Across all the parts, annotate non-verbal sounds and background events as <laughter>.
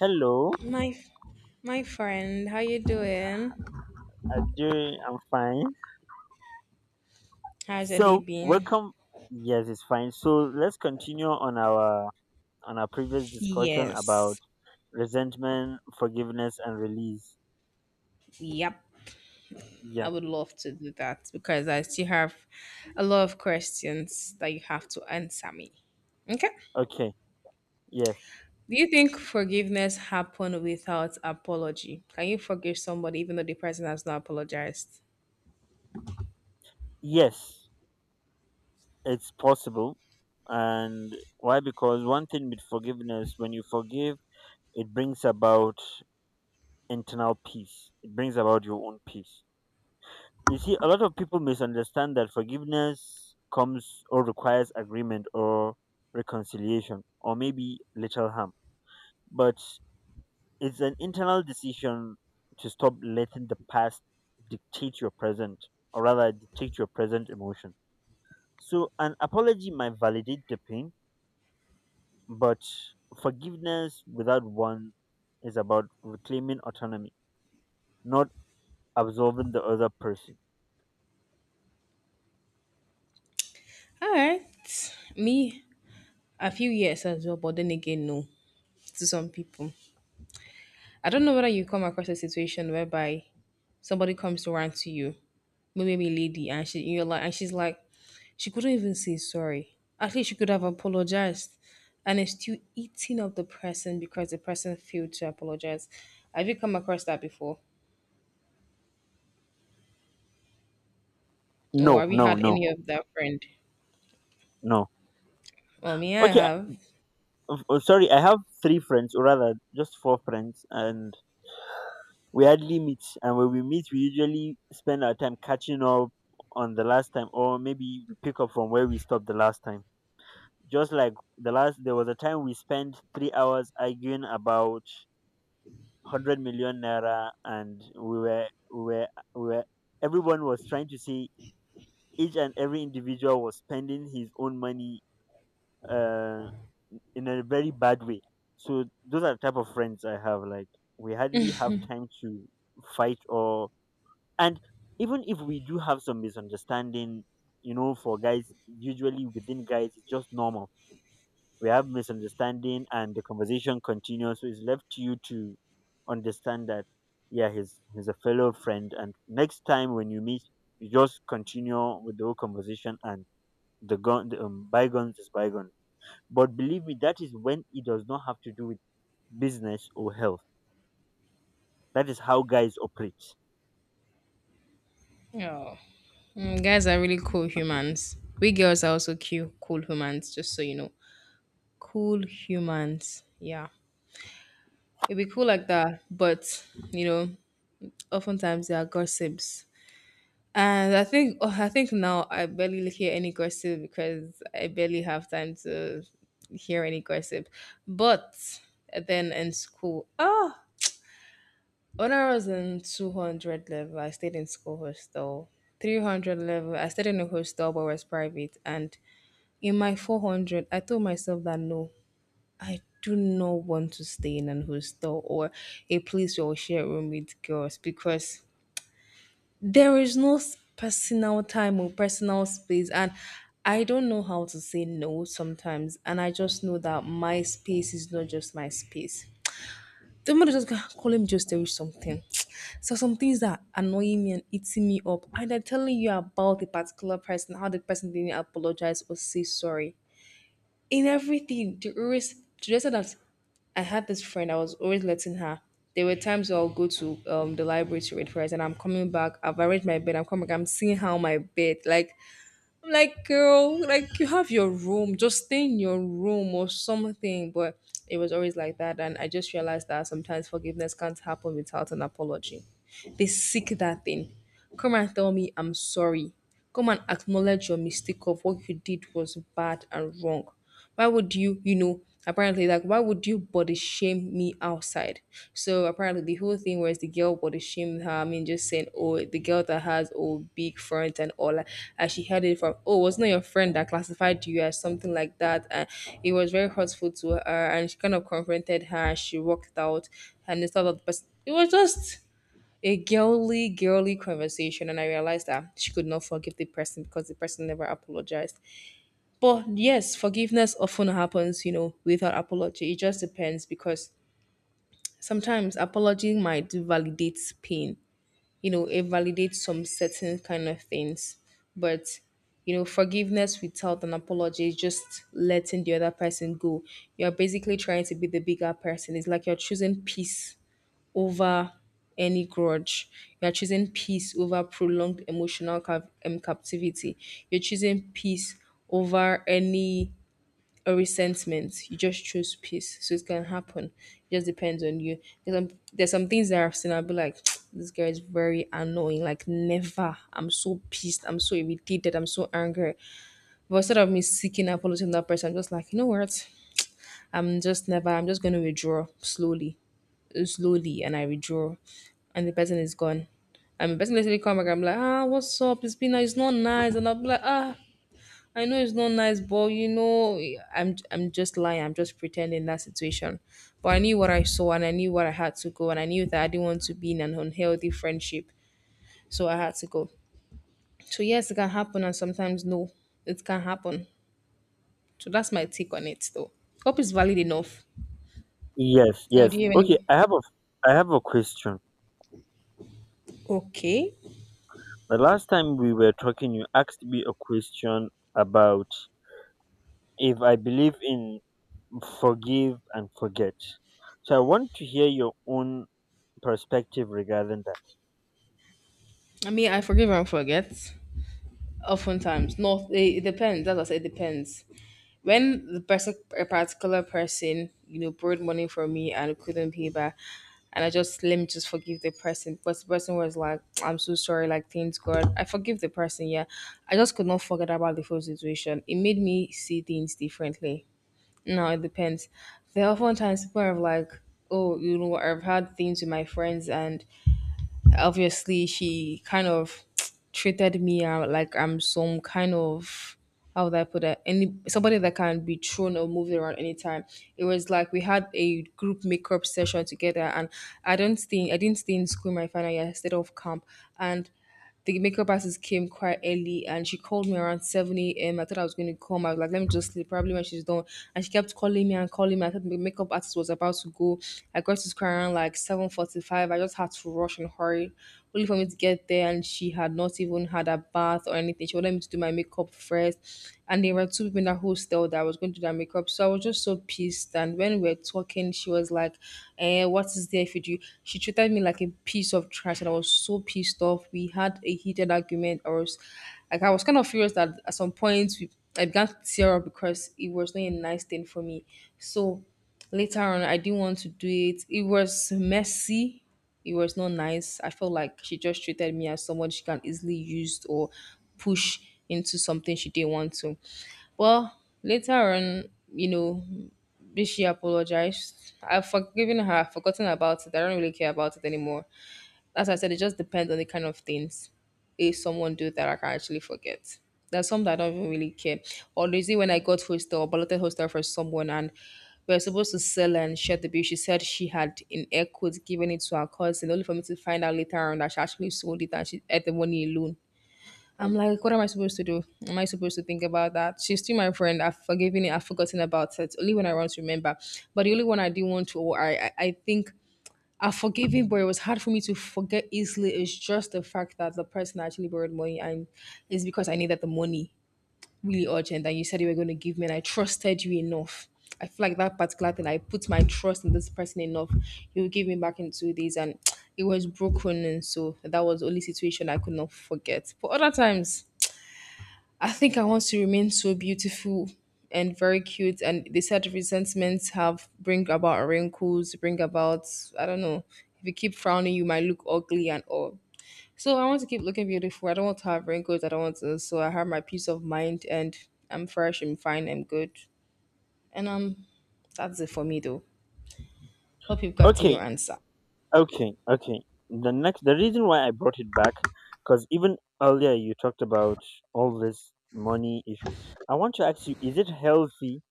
Hello, My my friend, how you doing? I'm fine. How's your day So, been? welcome. Yes, it's fine. So, let's continue on our previous discussion about Yes. resentment, forgiveness, and release. Yep. I Yeah. would love to do that because I still have a lot of questions that you have to answer me. Okay? Okay. Yes. Do you think forgiveness happen without apology? Can you forgive somebody even though the person has not apologized? Yes, it's possible. And why? Because one thing with forgiveness, when you forgive, it brings about internal peace. It brings about your own peace. You see, a lot of people misunderstand that forgiveness comes or requires agreement or reconciliation or maybe little harm. But it's an internal decision to stop letting the past dictate your present, or rather dictate your present emotion. So an apology might validate the pain, but forgiveness without one is about reclaiming autonomy, not absolving the other person. All right. Me, a few years as well, but then again, no, to some people. I don't know whether you come across a situation whereby somebody comes to rant to you. Maybe lady, and she you're like, and she's like, she couldn't even say sorry. At least she could have apologized, and it's still eating up the person because the person failed to apologize. Have you come across that before, No, or have you no, had no, any of that friend? no. Well, me, I Okay. have. Oh, sorry, I have three friends, or rather, just four friends, and we hardly meet. And when we meet, we usually spend our time catching up on the last time, or maybe we pick up from where we stopped the last time. Just like the last, there was a time we spent 3 hours arguing about 100 million naira, and we were, we were. Everyone was trying to say each and every individual was spending his own money. Uh, in a very bad way. So those are the type of friends I have. Like we hardly have time to fight or and even if we do have some misunderstanding, you know, for guys, usually within guys it's just normal. We have misunderstanding and the conversation continues, so it's left to you to understand that yeah, he's a fellow friend, and next time when you meet you just continue with the whole conversation and the bygones is bygones. But believe me, that is when it does not have to do with business or health. That is how guys operate. Oh, mm, guys are really cool humans. We girls are also cute, cool humans. Just so you know, cool humans. Yeah, it'd be cool like that, but you know, oftentimes there are gossips. And I think oh, I think now I barely hear any gossip because I barely have time to hear any gossip. But then in school, ah, when I was in 200 level, I stayed in school hostel. 300 level, I stayed in a hostel but was private. And in my 400, I told myself that no, I do not want to stay in an hostel or a place where we share room with girls because there is no personal time or personal space, and I don't know how to say no sometimes, and I just know that my space is not just my space. The mother just go, "Ah, call him just to reach something. <tsk> So some things that annoy me and eating me up, and I'm telling you about a particular person how the person didn't apologize or say sorry in everything to always, to the extent that I had this friend, I was always letting her. There were times where I'll go to the library to read first, and I'm coming back. I've arranged my bed. I'm coming back. I'm seeing how my bed. Like I'm like, girl, like you have your room. Just stay in your room or something. But it was always like that, and I just realized that sometimes forgiveness can't happen without an apology. They seek that thing. Come and tell me I'm sorry. Come and acknowledge your mistake of what you did was bad and wrong. Why would you, you know, apparently, like, why would you body shame me outside? So apparently the whole thing was the girl body shamed her. I mean, just saying, oh, the girl that has oh big front and all that. And she heard it from, oh, wasn't it your friend that classified you as something like that? And it was very hurtful to her, and she kind of confronted her. She walked out, and instead of the person, it was just a girly girly conversation, and I realized that she could not forgive the person because the person never apologized. But yes, forgiveness often happens, you know, without apology. It just depends because sometimes apology might validate pain, you know, it validates some certain kind of things. But, you know, forgiveness without an apology is just letting the other person go. You're basically trying to be the bigger person. It's like you're choosing peace over any grudge. You're choosing peace over prolonged emotional captivity. You're choosing peace over any or resentment. You just choose peace. So it can happen. It just depends on you. There's some things that I've seen, I'll be like, <tsk> this girl is very annoying. Like, never. I'm so pissed. I'm so irritated. I'm so angry. But instead of me seeking apology from that person, I'm just like, you know what? I'm just never, I'm just going to withdraw slowly, slowly. And I withdraw. And the person is gone. And the person literally come back. I'm like, ah, what's up? It's been, nice. It's not nice. And I'll be like, ah, I know it's not nice, but you know, I'm just lying. I'm just pretending that situation. But I knew what I saw, and I knew what I had to go, and I knew that I didn't want to be in an unhealthy friendship, so I had to go. So yes, it can happen, and sometimes no, it can happen. So that's my take on it, though. Hope it's valid enough. Yes, Or do yes. you have Okay, any? I have a question. Okay. The last time we were talking, you asked me a question about if I believe in forgive and forget. So I want to hear your own perspective regarding that. I mean, I forgive and forget. Oftentimes, not. It depends. That's what I said. It depends. When the person, a particular person, you know, borrowed money from me and couldn't pay back, and I just let me just forgive the person. But the person was like, I'm so sorry. Like thanks God, I forgive the person. Yeah, I just could not forget about the whole situation. It made me see things differently. No, it depends. There are oftentimes people are like, oh, you know, I've had things with my friends, and obviously she kind of <tsk> treated me like I'm some kind of, how would I put it? Any somebody that can be thrown or moved around anytime. It was like we had a group makeup session together, and I don't think I didn't stay in school my final year. I stayed off camp, and the makeup artist came quite early and she called me around 7 a.m. I thought I was going to come. I was like, let me just sleep, probably when she's done. And she kept calling me and calling me. I thought the makeup artist was about to go. I got to school around like 7:45. I just had to rush and hurry, only for me to get there. And she had not even had a bath or anything. She wanted me to do my makeup first. And there were two people in that hostel that was going to do their makeup. So I was just so pissed. And when we were talking, she was like, eh, there? What is there if you do? She treated me like a piece of trash, and I was so pissed off. We had a heated argument. I was like, I was kind of furious that at some point we, I began to tear up because it was not a nice thing for me. So later on, I didn't want to do it. It was messy. It was not nice. I felt like she just treated me as someone she can easily use or push into something she didn't want to. Well, later on, you know, this she apologized. I've forgiven her, I've forgotten about it. I don't really care about it anymore. As I said, it just depends on the kind of things. If someone do that, I can actually forget. There's some that I don't even really care. Or is it when I got hostel, balloted hostel for someone, and we were supposed to sell and share the bill. She said she had in air quotes given it to her cousin, only for me to find out later on that she actually sold it and she ate the money alone. I'm like, what am I supposed to do? Am I supposed to think about that? She's still my friend. I've forgiven it. I've forgotten about it. Only when I want to remember. But the only one I do want to, or I think I've forgiven, but it was hard for me to forget easily. It's just the fact that the person actually borrowed money, and it's because I needed the money really urgent. And you said you were going to give me, and I trusted you enough. I feel like that particular thing, I put my trust in this person enough. You give me back in 2 days, and <tsk> it was broken. And so that was the only situation I could not forget. But other times, I think I want to remain so beautiful and very cute. And they said resentments have bring about wrinkles, bring about I don't know. If you keep frowning, you might look ugly and all. So I want to keep looking beautiful. I don't want to have wrinkles. I don't want to. So I have my peace of mind, and I'm fresh. I'm fine. I'm good. And that's it for me though. Hope you've gotten your Okay. answer. Okay, okay. The next, the reason why I brought it back, because even earlier you talked about all this money issue. I want to ask you: is it healthy?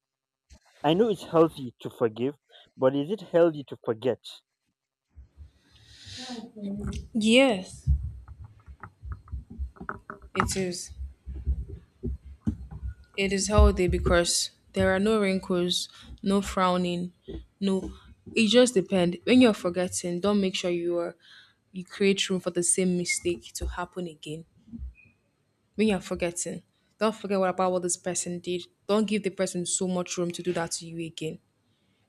I know it's healthy to forgive, but is it healthy to forget? Yes, it is. It is healthy because there are no wrinkles, no frowning, no. It just depends. When you're forgetting, don't make sure you are you create room for the same mistake to happen again. When you're forgetting, don't forget what about what this person did. Don't give the person so much room to do that to you again.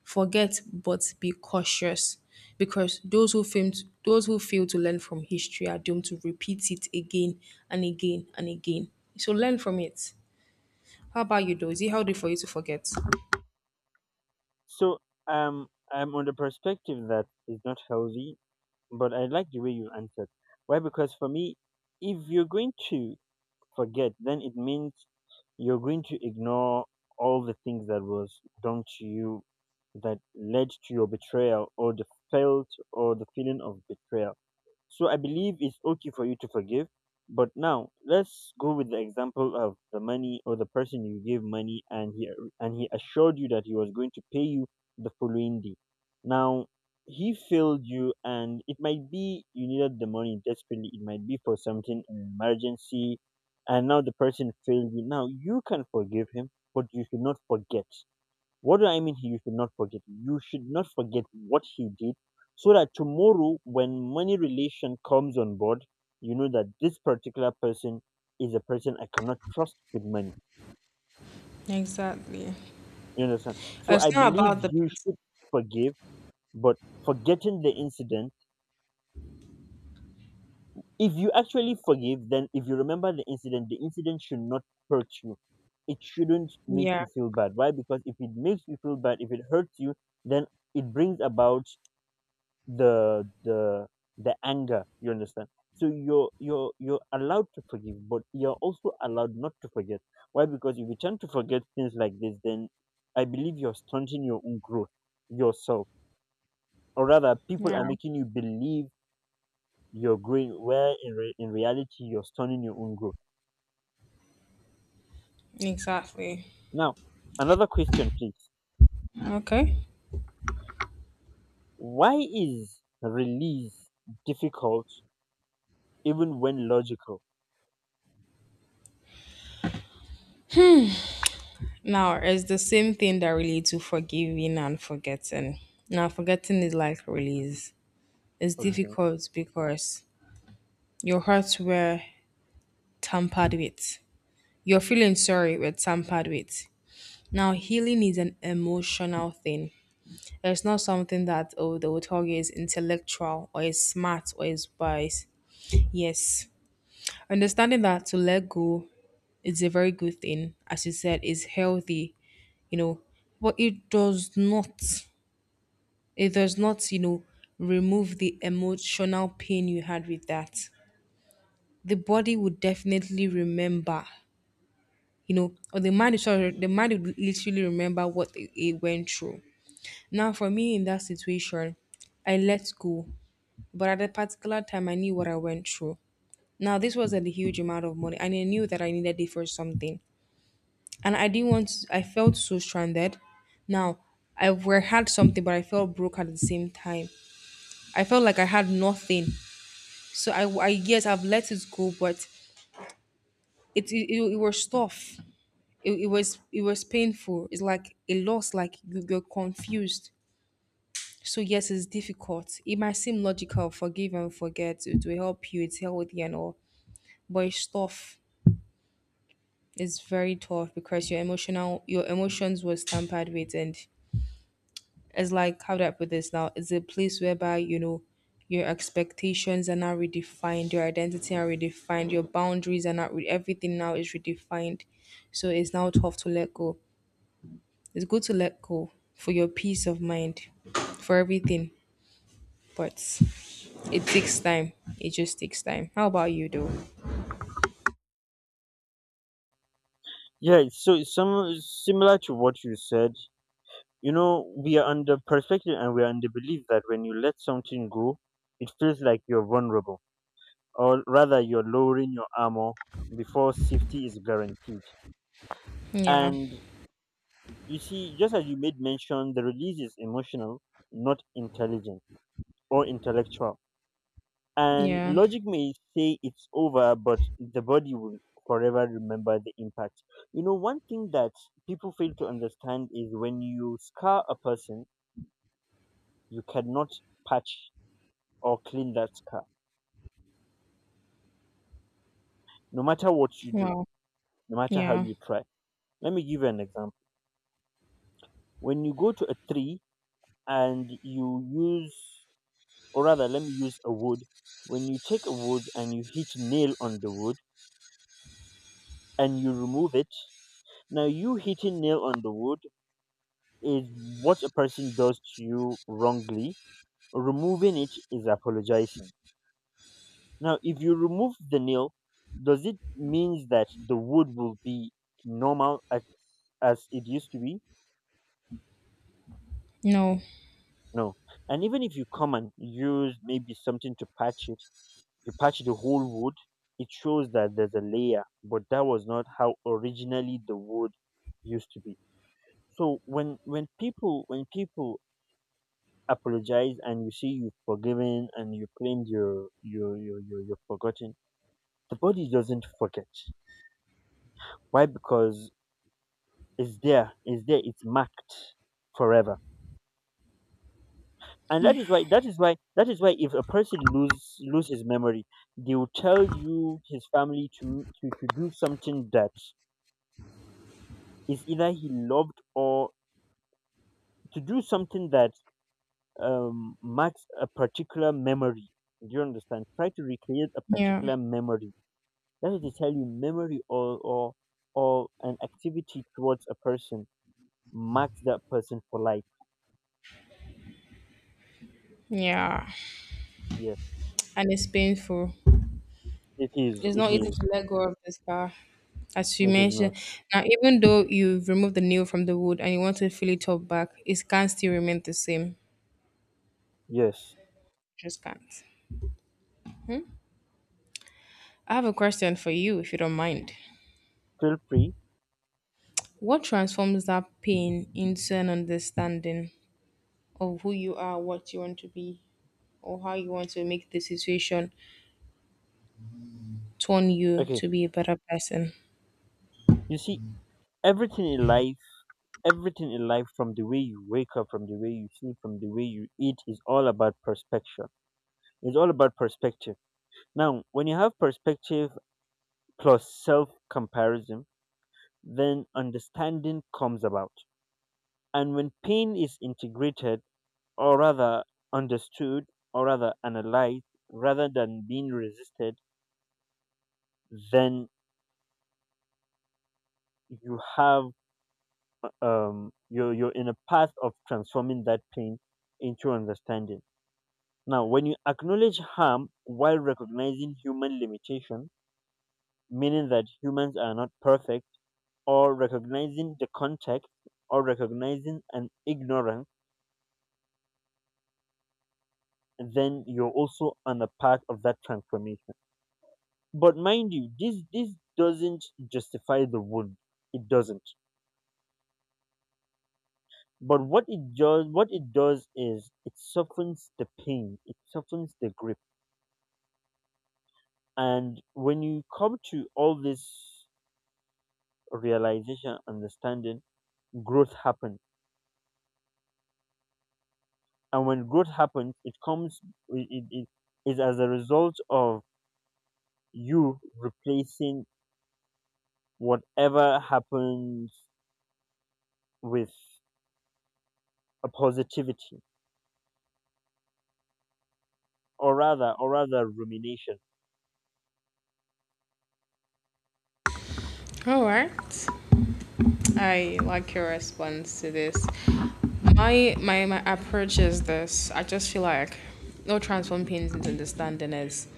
Forget, but be cautious, because those who fail to learn from history are doomed to repeat it again and again and again. So learn from it. How about you, though? Is it healthy for you to forget? So, um, I'm on the perspective that it's not healthy, but I like the way you answered. Why? Because for me, if you're going to forget, then it means you're going to ignore all the things that was done to you that led to your betrayal or the felt or the feeling of betrayal. So I believe it's okay for you to forgive. But now let's go with the example of the money, or the person you gave money and he assured you that he was going to pay you the following day. Now he failed you, and it might be you needed the money desperately, it might be for something an emergency, and now the person failed you. Now you can forgive him, but you should not forget. What do I mean you should not forget? You should not forget what he did, so that tomorrow when money relation comes on board, you know that this particular person is a person I cannot trust with money. Exactly. You understand? So It's I not believe about the you pers- should forgive, but forgetting the incident, if you actually forgive, then if you remember the incident should not hurt you. It shouldn't make Yeah. you feel bad. Why? Because if it makes you feel bad, if it hurts you, then it brings about the the the anger. You understand? So you're allowed to forgive, but you're also allowed not to forget. Why? Because if you tend to forget things like this, then I believe you're stunting your own growth yourself, or rather people are Yeah. making you believe you're growing, in reality you're stunting your own growth. Exactly. Now another question, please. Okay. Why is release difficult even when logical? Now, it's the same thing that relates to forgiving and forgetting. Now, forgetting is like release. It's Okay. difficult because your hurts were tampered with. Your feeling sorry were tampered with. Now, healing is an emotional thing. It's not something that, oh, the otago is intellectual or is smart or is wise. Yes. Understanding that to let go it's a very good thing. As you said, it's healthy, you know, but it does not, you know, remove the emotional pain you had with that. The body would definitely remember, you know, or the mind, sorry, the mind would literally remember what it went through. Now, for me in that situation, I let go. But at that particular time, I knew what I went through. Now, this wasn't a huge amount of money, and I knew that I needed it for something. And I didn't want. To, I felt so stranded. Now, I were had something, but I felt broke at the same time. I felt like I had nothing. So I yes, I've let it go, but it was tough. It was it was painful. It's like a loss. Like you're confused. So yes, it's difficult. It might seem logical, forgive and forget. It will help you. It's healthy and all, but it's tough. It's very tough because your emotions was tampered with and it's like how do I put this now? It's a place whereby you know your expectations are now redefined, your identity are redefined, your boundaries are not re- everything now is redefined. So it's now tough to let go. It's good to let go for your peace of mind, for everything. But it takes time. It just takes time. How about you though? Yeah, so it's some similar to what you said. You know, we are under perspective and we are under belief that when you let something go, it feels like you're vulnerable, or rather, you're lowering your armor before safety is guaranteed. Yeah. And you see, just as you made mention, the release is emotional, not intelligent or intellectual. And Yeah. logic may say it's over, but the body will forever remember the impact. You know, one thing that people fail to understand is when you scar a person, you cannot patch or clean that car, no matter what you do, Wow. no matter how Yeah. you try. Let me give you an example. When you go to a tree and you use, or rather, let me use a wood. When you take a wood and you hit nail on the wood and you remove it, now you hitting nail on the wood is what a person does to you wrongly. Removing it is apologizing. Now, if you remove the nail, does it means that the wood will be normal as it used to be? No. No. And even if you come and use maybe something to patch it, you patch the whole wood, it shows that there's a layer, but that was not how originally the wood used to be. So when people apologize, and you see you've forgiven and you claimed you're forgotten, the body doesn't forget. Why? Because it's there, it's there, it's marked forever. And that Yeah. is why that is why that is why if a person lose his memory, they will tell you his family to do something that is either he loved, or to do something that marks a particular memory. Do you understand? Try to recreate a Yeah. particular memory. That is to tell you memory or or an activity towards a person marks that person for life. Yeah. Yes. And it's painful. It is. It's It not easy is. to let go of the scar, as you It is mentioned. not. Now, even though you've removed the nail from the wood and you want to fill it up back, it can still remain the same. Yes. Just can't. I have a question for you, if you don't mind. Feel free. What transforms that pain into an understanding of who you are, what you want to be, or how you want to make the situation turn you Okay, to be a better person? you see, everything in life everything in life, from the way you wake up, from the way you sleep, from the way you eat is all about perspective. It's all about perspective. Now when you have perspective plus self comparison, then understanding comes about. And when pain is integrated, or rather understood, or rather analyzed, rather than being resisted, then you have you're in a path of transforming that pain into understanding. Now, when you acknowledge harm while recognizing human limitation, meaning that humans are not perfect, or recognizing the context, or recognizing an ignorance, then you're also on the path of that transformation. But mind you, this doesn't justify the wound. It doesn't. But what it does is it softens the pain, it softens the grip. And when you come to all this realization, understanding, growth happens, and when growth happens it comes it, it, it is as a result of you replacing whatever happens with a positivity, or rather rumination. All right. I like your response to this. My approach is this. I just feel like no transform pains into understanding is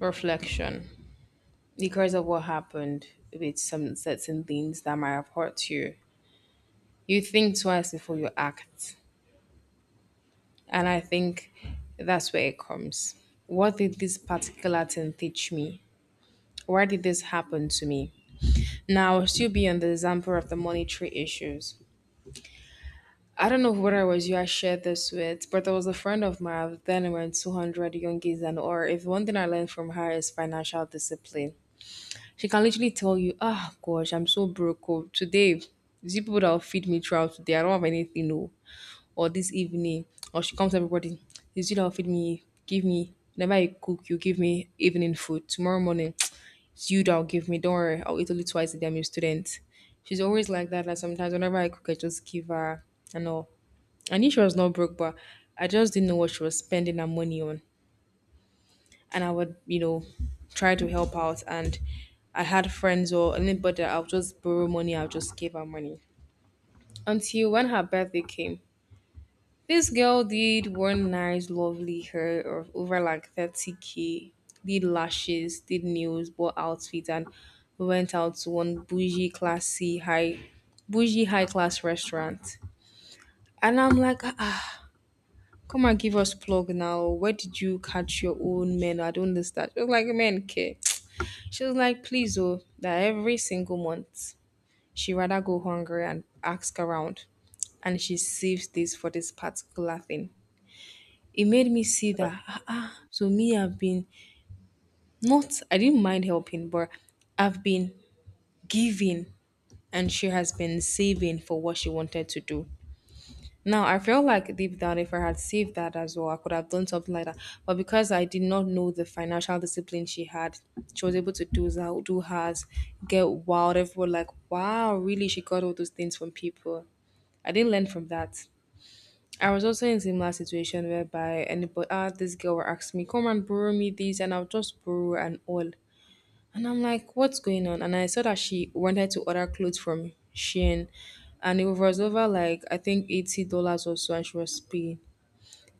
reflection. Because of what happened with some certain things that might have hurt you. You think twice before you act. And I think that's where it comes. What did this particular thing teach me? Why did this happen to me? Now, I'll still be on the example of the monetary issues. I don't know whether it was you I shared this with, but there was a friend of mine at then around 200 young kids and or if one thing I learned from her is financial discipline. She can literally tell you, "Ah, gosh, I'm so broke. Oh. Today, these people that will feed me throughout today, I don't have anything. No. Or this evening, or she comes to everybody, it's you that will feed me, give me, whenever I cook, you give me evening food. Tomorrow morning, <tsk> it's you that will give me, don't worry, I'll eat only twice a day, I'm a student." She's always like that. Like sometimes whenever I cook, I just give her, I know. I knew she was not broke, but I just didn't know what she was spending her money on. And I would, you know, try to help out. And I had friends or anybody that I'll just borrow money, I'll just give her money. Until when her birthday came, this girl did one nice, lovely hair of over like 30K, did lashes, did nails, bought outfits, and we went out to one bougie, classy, high, bougie, high class restaurant. And I'm like, ah, come and give us plug now. Where did you catch your own men? I don't understand. She was like, men care. She was like, "Please, oh, that every single month she rather go hungry and ask around, and she saves this for this particular thing." It made me see that ah, ah. So me I've been not I didn't mind helping, but I've been giving, and she has been saving for what she wanted to do. Now, I feel like deep down, if I had saved that as well, I could have done something like that. But because I did not know the financial discipline she had, she was able to do that, do hers, get wild. Everyone like, wow, really, she got all those things from people. I didn't learn from that. I was also in similar situation whereby anybody, ah, this girl will ask me, come and borrow me this, and I'll just borrow and all. And I'm like, what's going on? And I saw that she wanted to order clothes from Shein. And it was over like, I think $80 or so. And she was paying.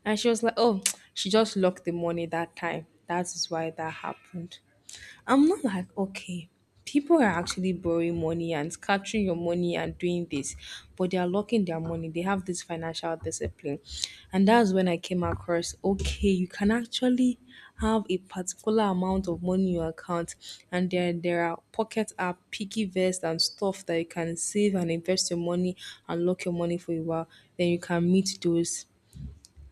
And she was like, oh, <tsk> she just locked the money that time. That is why that happened. I'm not like, okay, people are actually borrowing money and scattering your money and doing this, but they are locking their money. They have this financial discipline. And that's when I came across, okay, you can actually have a particular amount of money in your account. And there are pocket app, piggy vest, and stuff that you can save and invest your money and lock your money for a while. Then you can meet those.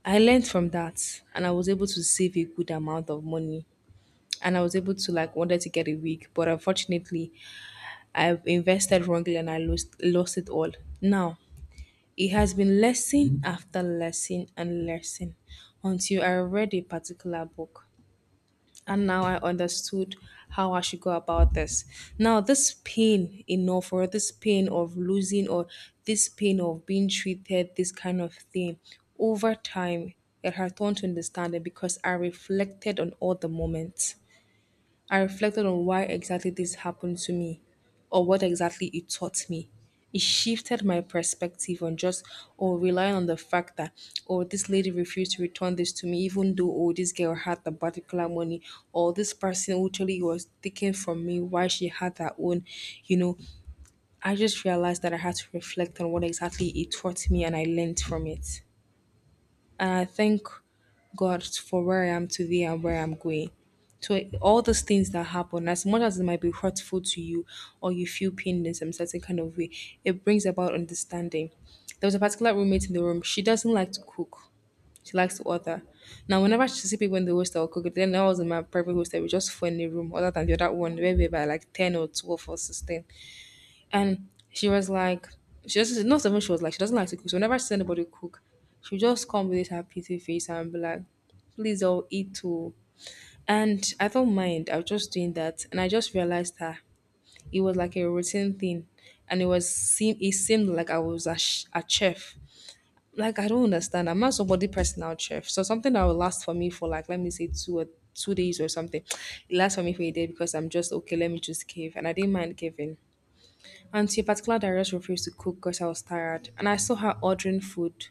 I learned from that and I was able to save a good amount of money and I was able to like wanted to get a wig, but unfortunately, I've invested wrongly and I lost it all. Now it has been lesson after lesson and lesson until I read a particular book. And now I understood how I should go about this. Now, this pain enough, or this pain of losing, or this pain of being treated, this kind of thing, over time, it has turned to understanding because I reflected on all the moments. I reflected on why exactly this happened to me or what exactly it taught me. It shifted my perspective on just or relying on the fact that or this lady refused to return this to me even though oh this girl had the particular money or this person literally was taking from me why she had her own, you know. I just realized that I had to reflect on what exactly it taught me and I learned from it and I thank God for where I am today and where I'm going. So all those things that happen, as much as it might be hurtful to you or you feel pain in some certain kind of way, it brings about understanding. There was a particular roommate in the room. She doesn't like to cook. She likes to order. Now, whenever she see people in the hostel cook, then I was in my private hostel. We just four in the room, other than the other one, where we were by like 10 or 12 or 16. And she was like, she doesn't, not even she was like, she doesn't like to cook. So whenever she sees anybody cook, she'll just come with this her pity face and be like, please all eat too. And I don't mind. I was just doing that. And I just realized that it was like a routine thing. And it was seem it seemed like I was a, sh- a chef. Like I don't understand. I'm not somebody personal chef. So something that will last for me for like let me say two days or something. It lasts for me for a day because I'm just okay, let me just give. And I didn't mind giving. Auntie in particular that directors refused to cook because I was tired. And I saw her ordering food,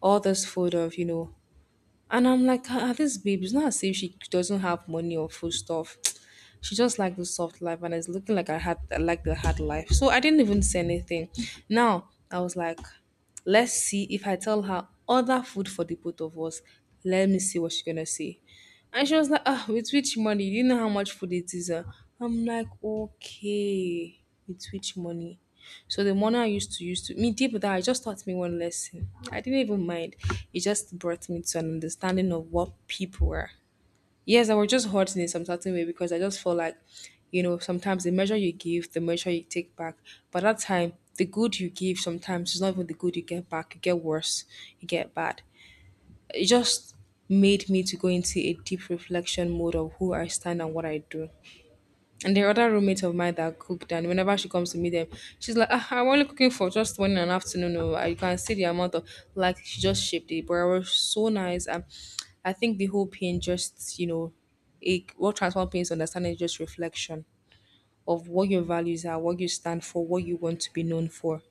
all this food of, you know. And I'm like, ah, ah, this babe, it's not as if she doesn't have money or food stuff. <tsk> She just like the soft life and it's looking like I like the hard life. So I didn't even say anything. Now I was like, let's see if I tell her other food for the both of us. Let me see what she's gonna say. And she was like, "Ah, with which money? Do you know how much food it is? Uh?" I'm like, okay with which money. So the money I used to use to me deep down, it just taught me one lesson. I didn't even mind. It just brought me to an understanding of what people were. Yes, I was just hurting in some certain way because I just felt like, sometimes the measure you give, the measure you take back. But that time, the good you give sometimes is not even the good you get back. You get worse, you get bad. It just made me to go into a deep reflection mode of who I stand and what I do. And there are other roommates of mine that cooked, and whenever she comes to meet them, she's like, ah, I'm only cooking for just one and an afternoon. Oh, you can see the amount of like she just shaped it, but it was so nice. And I think the whole pain just, it what transform pain is understanding is just reflection of what your values are, what you stand for, what you want to be known for.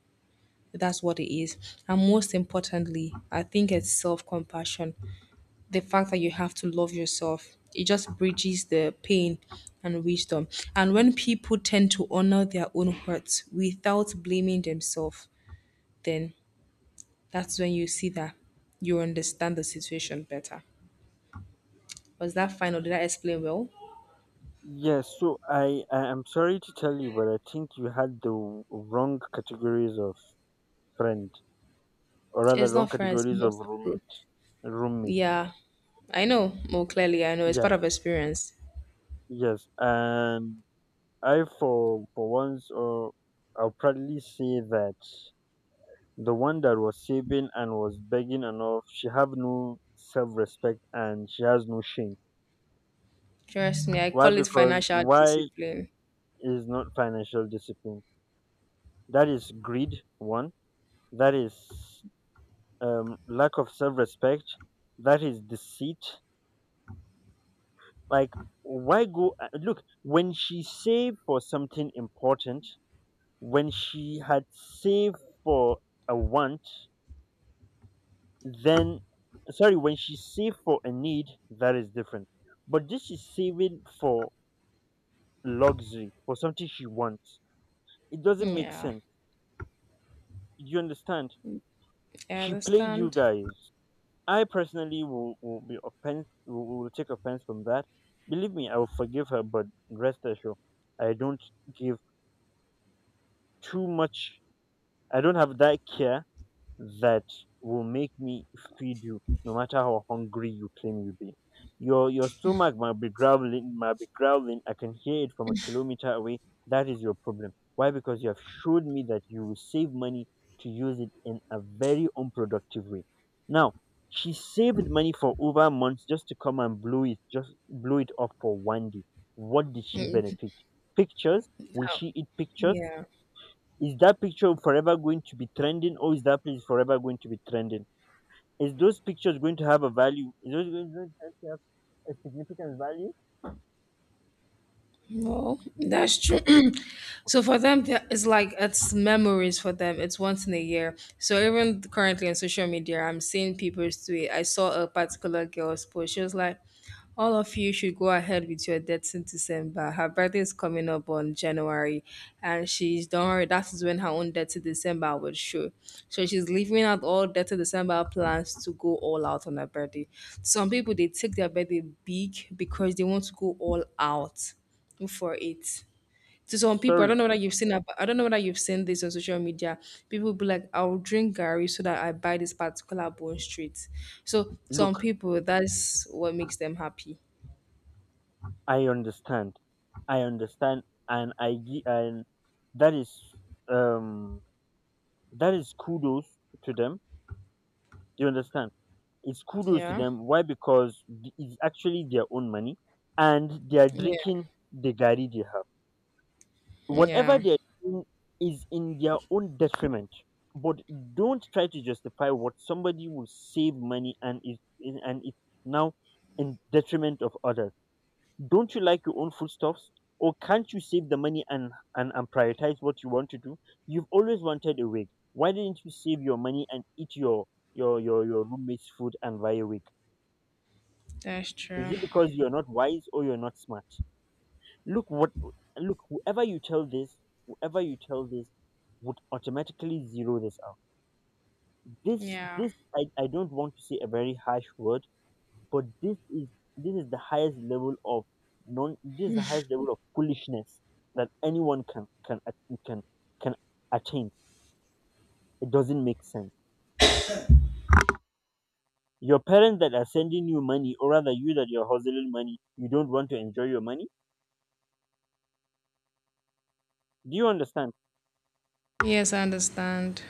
That's what it is. And most importantly, I think it's self compassion the fact that you have to love yourself. It just bridges the pain and wisdom. And when people tend to honor their own hurts without blaming themselves, then that's when you see that you understand the situation better. Was that final? Did I explain well? Yes, so I am sorry to tell you, but I think you had the wrong categories of friend, or rather It's wrong not fair, it's categories of most approved. roommate. Yeah, I know more clearly. I know it's part Yeah. of experience. Yes. And I, for once, or I'll proudly say that the one that was saving and was begging enough, she have no self-respect and she has no shame. Trust me, I Why? call it Because financial why discipline. is not financial discipline? That is greed. One. That is lack of self-respect. That is deceit. Like, why go? Look, when she saved for something important, when she had saved for a want, then, sorry, when she save for a need, that is different. But this is saving for luxury, for something she wants. It doesn't make Yeah, sense. You understand? I She played you understand. guys. I personally will be offense. Will take offense from that. Believe me, I will forgive her. But rest assured, I don't give too much. I don't have that care that will make me feed you no matter how hungry you claim you be. Your stomach might be growling, might be growling, I can hear it from a kilometer away. That is your problem. Why? Because you have showed me that you will save money to use it in a very unproductive way. Now, she saved money for over months just to come and blow it, just blow it off for one day. What did she benefit? Pictures? Will How? she eat pictures? Yeah. Is that picture forever going to be trending, or is that place forever going to be trending? Is those pictures going to have a value? Is those going to have a significant value? Well, that's true. <clears throat> So for them, it's like it's memories for them. It's once in a year. So even currently on social media, I'm seeing people tweet. I saw a particular girl's post. She was like, "All of you should go ahead with your dates in December. Her birthday is coming up on January, and she's don't worry. That is when her own date in December would show. So she's leaving out all date in December plans to go all out on her birthday. Some people they take their birthday big because they want to go all out." For it. To some people, I don't Sorry, know whether you've seen I don't know whether you've seen this on social media. People will be like, I'll drink Gary so that I buy this particular bone street. So some look, people that's what makes them happy. I understand. I understand, and that is um that is kudos to them. You understand? It's kudos to Yeah. them. Why? Because it's actually their own money, and they are Yeah. drinking the gari they have. Whatever Yeah. they're doing is in their own detriment. But don't try to justify what somebody will save money and and it's now in detriment of others. Don't you like your own foodstuffs? Or can't you save the money and, and prioritize what you want to do? You've always wanted a wig, why didn't you save your money and eat your roommate's food and buy a wig? That's Is true. it because you're not wise or you're not smart? Look what look, whoever you tell this would automatically zero this out. This Yeah. this I don't want to say a very harsh word, but this is the highest level of non this is the highest level of foolishness that anyone can at- can can attain. It doesn't make sense. Your parents that are sending you money, or rather you that you're hustling money, you don't want to enjoy your money. Do you understand? Yes, I understand.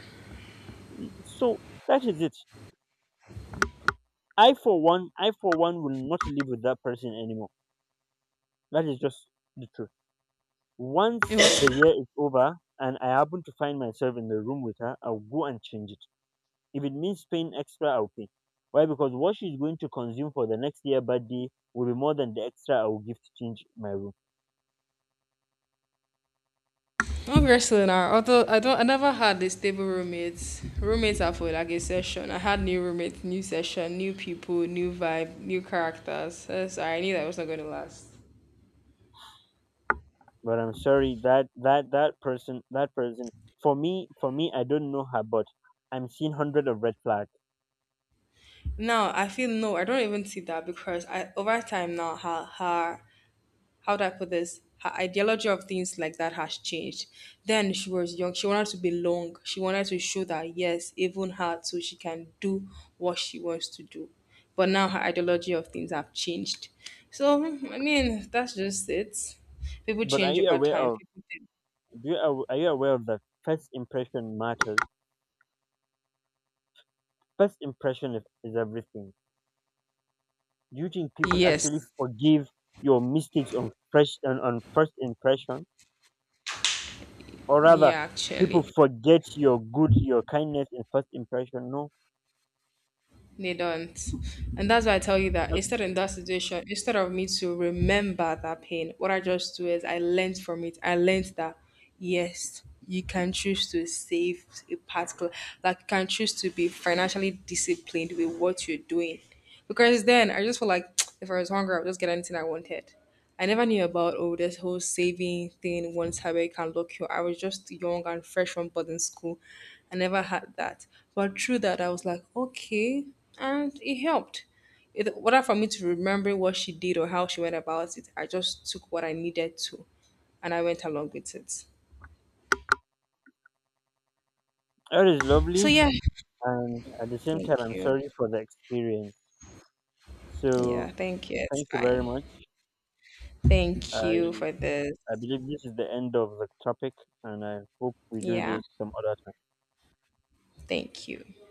So that is it. I for one will not live with that person anymore. That is just the truth. It Once the was year is over and I happen to find myself in the room with her, I'll go and change it. If it means paying extra, I'll pay. Why? Because what she's going to consume for the next year birthday will be more than the extra I will give to change my room. not wrestling now. Although I never had a stable roommates. Roommates are for like a session. I had new roommates, new session, new people, new vibe, new characters. So I knew that it was not gonna last. But I'm sorry that that person that person for me, I don't know her, but I'm seeing hundred of red flags. Now I feel no, I don't even see that because I over time now her how do I put this? Her ideology of things like that has changed. Then she was young, she wanted to be long. She wanted to show that yes, even her too, she can do what she wants to do. But now her ideology of things have changed. So I mean that's just it. People But are change you over aware time. of People did. do you, are you aware of the first impression matters? First impression is everything. Do you think people actually Yes. forgive your mistakes on first impression, or rather, Yeah, people actually. forget your good, your kindness in first impression? No. They don't. And that's why I tell you that Th- instead in that situation, instead of me to remember that pain, what I just do is I learned from it. I learned that yes, you can choose to save a particular like you can choose to be financially disciplined with what you're doing. Because then I just feel like <tsk> if I was hungry, I would just get anything I wanted. I never knew about oh this whole saving thing once habit can lock you. I was just young and fresh from boarding school. I never had that. But through that I was like, okay. And it helped. It whether for me to remember what she did or how she went about it, I just took what I needed to and I went along with it. that is So lovely, yeah. and at the same Thank time, I'm you. sorry for the experience. So Yeah, thank you. It's thank you very fine. much. Thank I you for this. I believe this is the end of the topic, and I hope we do Yeah, this some other time. thank you.